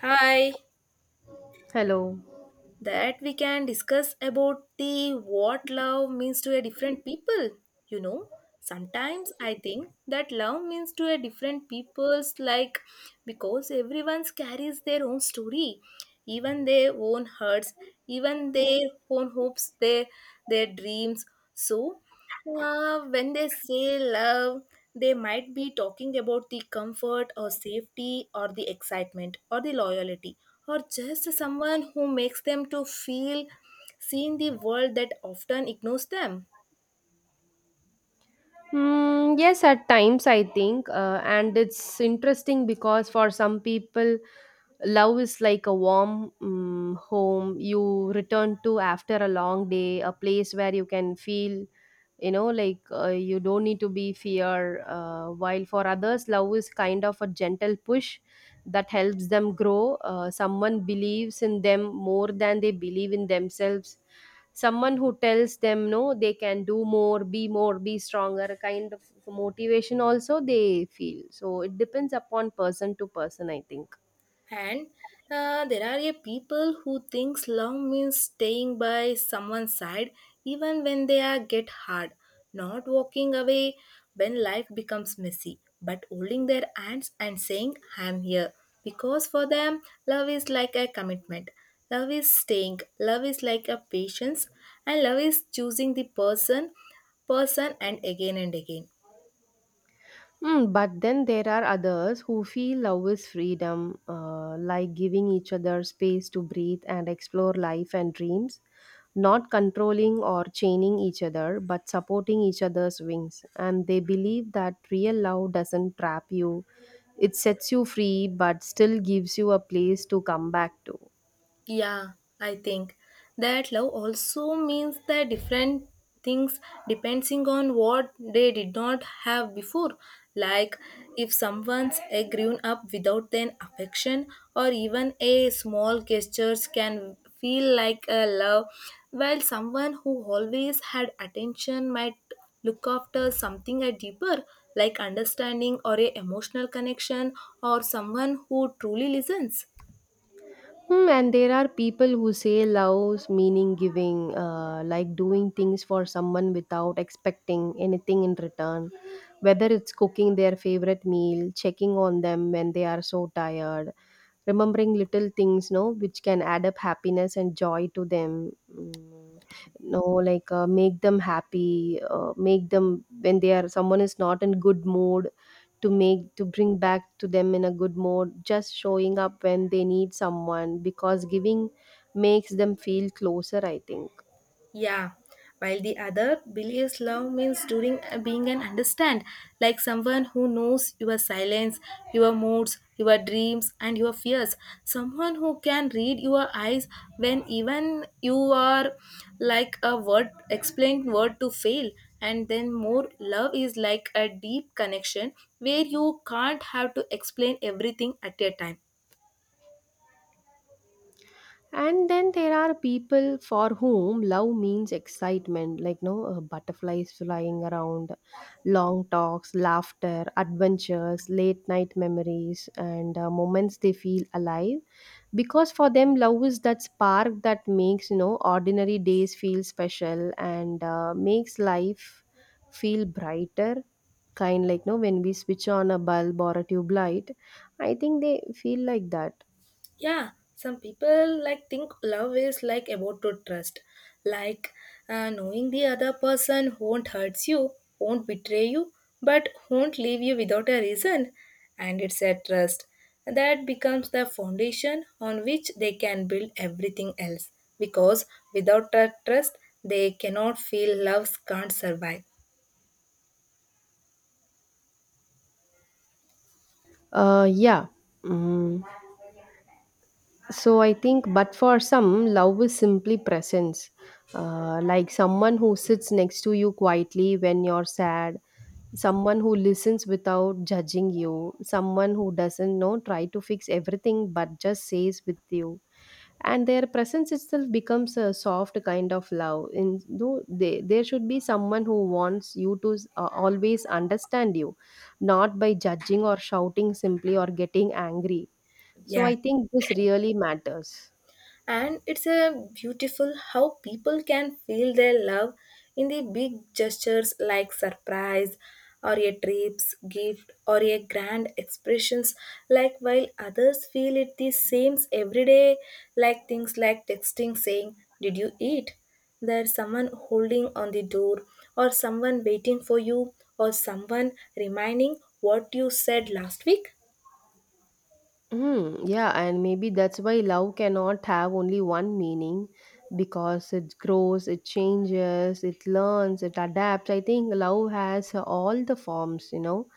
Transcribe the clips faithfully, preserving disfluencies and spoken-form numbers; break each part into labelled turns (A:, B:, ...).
A: Hi,
B: Hello.
A: that we can discuss about the what love means to a different people. You know, sometimes I think that love means to a different people's like because everyone carries their own story, even their own hurts, even their own hopes, their their dreams. So, uh, when they say love, they might be talking about the comfort or safety or the excitement or the loyalty or just someone who makes them to feel seen the world that often ignores them.
B: Mm, yes, at times I think, uh, and it's interesting because for some people, love is like a warm mm home you return to after a long day, a place where you can feel, you know, like uh, you don't need to be fear. Uh, while for others, love is kind of a gentle push that helps them grow. Uh, someone believes in them more than they believe in themselves, someone who tells them no, they can do more, be more, be stronger, kind of motivation also they feel. So it depends upon person to person, I think.
A: And uh, there are a people who thinks love means staying by someone's side even when they are get hard, not walking away when life becomes messy but holding their hands and saying I am here. Because for them love is like a commitment, love is staying, love is like a patience, and love is choosing the person person and again and again.
B: Mm, but then there are others who feel love is freedom, uh, like giving each other space to breathe and explore life and dreams, not controlling or chaining each other, but supporting each other's wings. And they believe that real love doesn't trap you, it sets you free, but still gives you a place to come back to.
A: Yeah, I think that love also means that different things depending on what they did not have before. Like if someone's a grown up without an affection or even a small gestures can feel like a love, while someone who always had attention might look after something a deeper, like understanding or a emotional connection or someone who truly listens.
B: Hmm, and there are people who say love's meaning giving, uh, like doing things for someone without expecting anything in return, whether it's cooking their favorite meal, checking on them when they are so tired, remembering little things, no, which can add up happiness and joy to them. Mm, no, like uh, make them happy, uh, make them when they are, someone is not in good mood, to make to bring back to them in a good mood, just showing up when they need someone, because giving makes them feel closer, I think.
A: Yeah, while the other believes love means doing, being and understand, like someone who knows your silence, your moods, your dreams, and your fears. Someone who can read your eyes when even you are like a word explained word to fail. And then more love is like a deep connection where you can't have to explain everything at a time.
B: And then there are people for whom love means excitement, like no uh, butterflies flying around, long talks, laughter, adventures, late night memories, and uh, moments they feel alive. Because for them, love is that spark that makes you know ordinary days feel special and uh, makes life feel brighter. Kind like no when we switch on a bulb or a tube light, I think they feel like that.
A: Yeah, some people like think love is like about to trust, like uh, knowing the other person won't hurt you, won't betray you, but won't leave you without a reason. And it's a trust that becomes the foundation on which they can build everything else. Because without that trust, they cannot feel love can't survive.
B: Uh, yeah. Mm. So I think, but for some, love is simply presence. Uh, like someone who sits next to you quietly when you're sad, someone who listens without judging you, someone who doesn't know try to fix everything but just says with you. And their presence itself becomes a soft kind of love. In though they, there should be someone who wants you to uh, always understand you, not by judging or shouting simply or getting angry, so
A: Yeah.
B: I think this really matters.
A: And it's a beautiful how people can feel their love in the big gestures like surprise or a trips gift or a grand expressions, like while others feel it the same every day, like things like texting saying did you eat, there's someone holding on the door or someone waiting for you or someone reminding what you said last week.
B: Hmm, yeah, and maybe that's why love cannot have only one meaning, because it grows, it changes, it learns, it adapts. I think love has all the forms, you know,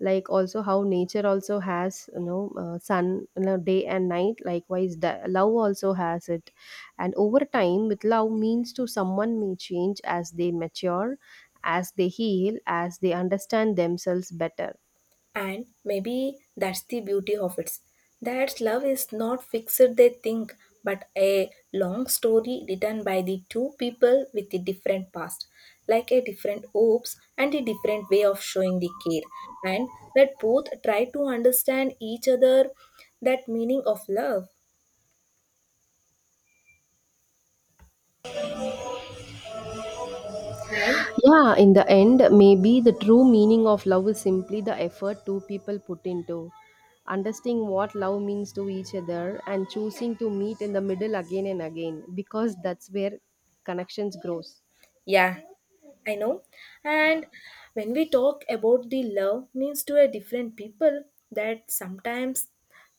B: like also how nature also has, you know, uh, sun, you know, day and night. Likewise, the, love also has it. And over time, with love means to someone may change as they mature, as they heal, as they understand themselves better.
A: And maybe that's the beauty of it. That love is not fixed, they think, but a long story written by the two people with a different past, like a different hopes and a different way of showing the care. And that both try to understand each other, that meaning of love. And
B: Yeah, in the end, maybe the true meaning of love is simply the effort two people put into understanding what love means to each other and choosing to meet in the middle again and again, because that's where connections grows.
A: yeah, I know. And when we talk about the love means to a different people, that sometimes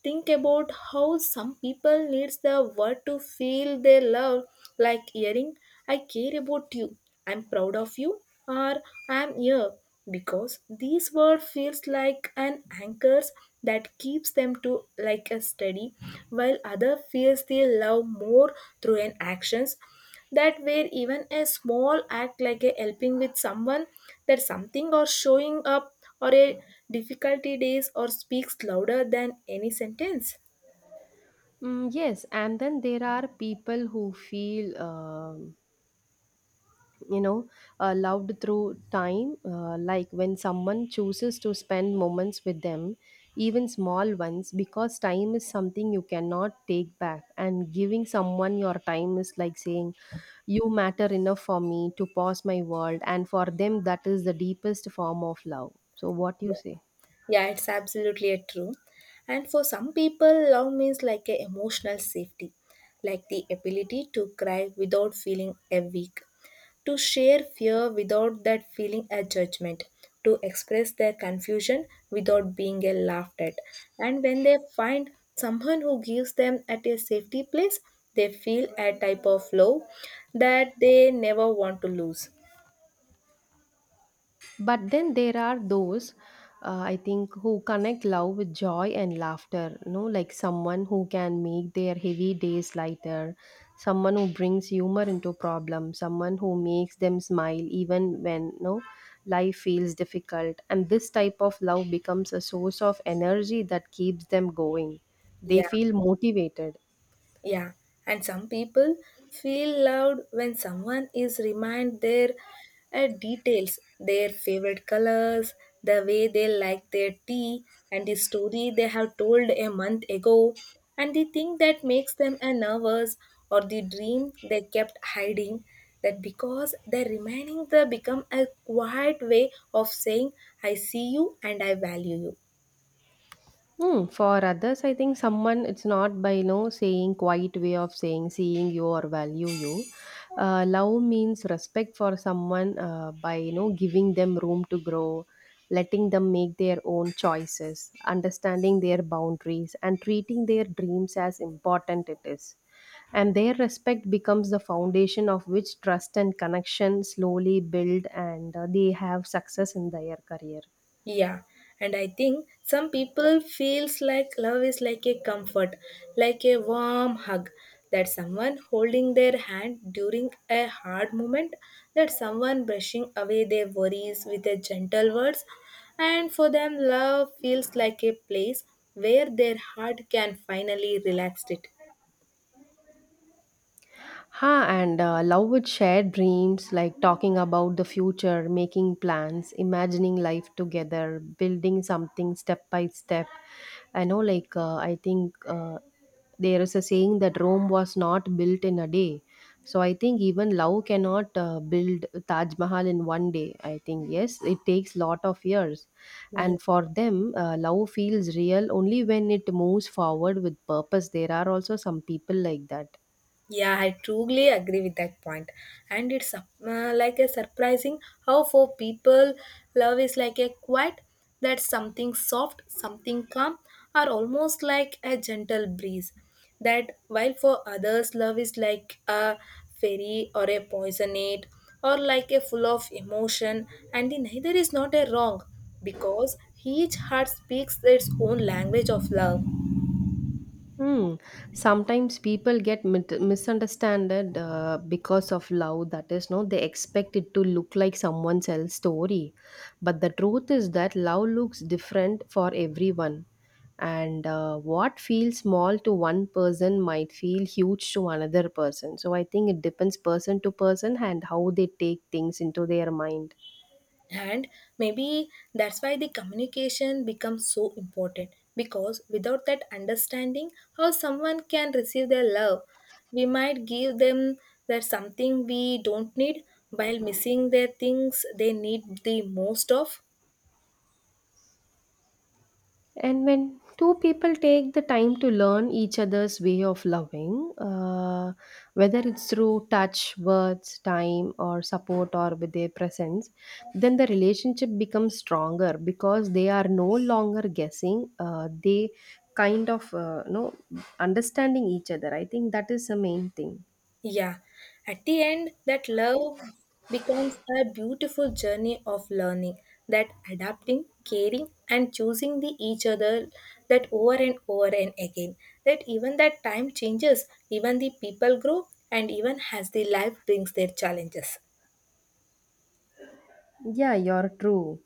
A: think about how some people needs the word to feel their love, like hearing "I care about you," "I'm proud of you," or "I'm here," because these word feels like an anchors that keeps them to like a steady, while other feels their love more through an actions that where even a small act like a helping with someone that something or showing up or a difficulty days or speaks louder than any sentence.
B: Mm, yes, and then there are people who feel um you know uh, loved through time, uh, like when someone chooses to spend moments with them, even small ones, because time is something you cannot take back, and giving someone your time is like saying you matter enough for me to pause my world. And for them, that is the deepest form of love. So what you
A: Yeah,
B: say?
A: yeah, it's absolutely a true. And for some people love means like a emotional safety, like the ability to cry without feeling a weak, to share fear without that feeling a judgment, to express their confusion without being a laughed at. And when they find someone who gives them at a safety place, they feel a type of love that they never want to lose.
B: But then there are those, uh, I think, who connect love with joy and laughter. You know, like someone who can make their heavy days lighter, someone who brings humor into problems, someone who makes them smile even when you know, life feels difficult. And this type of love becomes a source of energy that keeps them going. They
A: Yeah.
B: feel motivated.
A: Yeah, and some people feel loved when someone is remind their uh, details, their favorite colors, the way they like their tea, and the story they have told a month ago, and the thing that makes them a nervous or the dream they kept hiding. That because the remaining the become a quiet way of saying I see you and I value you.
B: Mm, for others, I think someone, it's not by no saying quiet way of saying seeing you or value you. Uh, love means respect for someone, uh, by you know giving them room to grow, letting them make their own choices, understanding their boundaries, and treating their dreams as important it is. And their respect becomes the foundation of which trust and connection slowly build, and uh, they have success in their career.
A: Yeah, and I think some people feels like love is like a comfort, like a warm hug. That someone holding their hand during a hard moment, that someone brushing away their worries with a gentle words, and for them love feels like a place where their heart can finally relax it.
B: Ha, and uh, love with shared dreams, like talking about the future, making plans, imagining life together, building something step by step. I know, like, uh, I think uh, there is a saying that Rome was not built in a day. So I think even love cannot uh, build Taj Mahal in one day. I think, yes, it takes lot of years.
A: Yeah.
B: And for them, uh, love feels real only when it moves forward with purpose. There are also some people like that.
A: Yeah, I truly agree with that point. And it's uh, like a surprising how for people love is like a quiet, that's something soft, something calm, or almost like a gentle breeze. That while for others love is like a fairy or a poisonate or like a full of emotion, and the neither is not a wrong because each heart speaks its own language of love.
B: Hmm. Sometimes people get mit- misunderstood uh, because of love. That is, no, they expect it to look like someone else's story, but the truth is that love looks different for everyone. And uh, what feels small to one person might feel huge to another person. So I think it depends person to person and how they take things into their mind.
A: And maybe that's why the communication becomes so important, because without that understanding how someone can receive their love we might give them that something we don't need while missing their things they need the most of.
B: And when two people take the time to learn each other's way of loving, uh, whether it's through touch, words, time, or support, or with their presence, then the relationship becomes stronger because they are no longer guessing. Uh, they kind of uh, you know understanding each other. I think that is the main thing.
A: Yeah, at the end, that love becomes a beautiful journey of learning, that adapting, caring, and choosing the each other, that over and over and again, that even that time changes, even the people grow, and even as the life brings their challenges.
B: Yeah, you're true.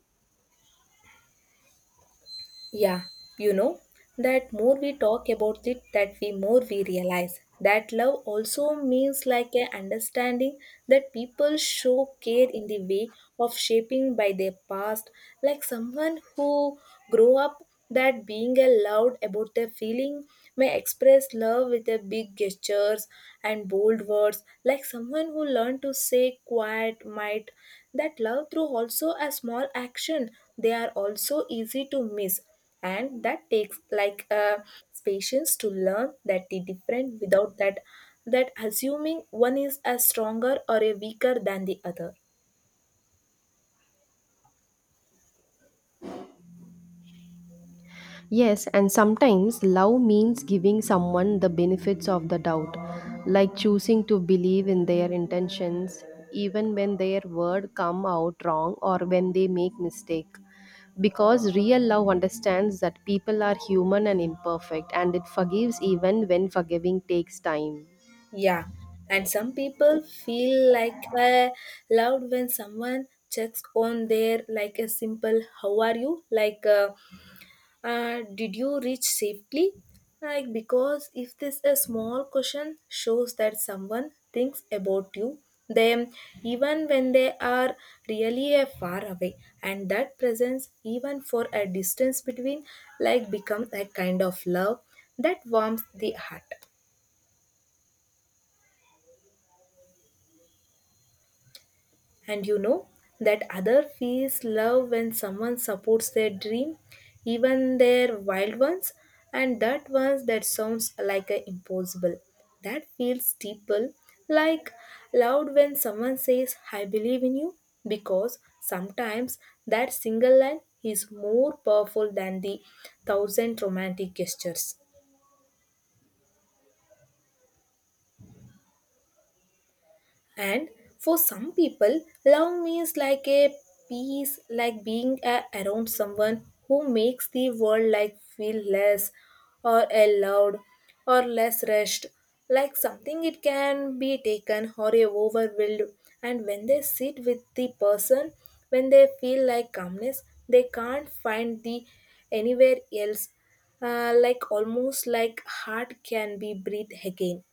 A: Yeah, you know that more we talk about it, that we more we realize that love also means like a understanding, that people show care in the way of shaping by their past, like someone who grow up that being allowed about their feeling may express love with a big gestures and bold words, like someone who learned to say quiet might that love through also a small action they are also easy to miss, and that takes like a patience to learn that the different without that that assuming one is a stronger or a weaker than the other.
B: Yes, and sometimes love means giving someone the benefits of the doubt, like choosing to believe in their intentions even when their word come out wrong or when they make mistake, because real love understands that people are human and imperfect, and it forgives even when forgiving takes time.
A: Yeah, and some people feel like uh, loud when someone checks on their like a simple "How are you?" like uh, uh, "Did you reach safely?" Like because if this a small question shows that someone thinks about you, them even when they are really uh, far away, and that presence even for a distance between like become a kind of love that warms the heart. And you know that other feels love when someone supports their dream, even their wild ones, and that ones that sounds like a impossible. That feels deeper, like loud when someone says I believe in you, because sometimes that single line is more powerful than the thousand romantic gestures. And for some people, love means like a peace, like being a, around someone who makes the world like feel less or allowed or less rushed. Like something it can be taken or a overwhelmed. And when they sit with the person, when they feel like calmness, they can't find the anywhere else. Uh, like almost like heart can be breathed again.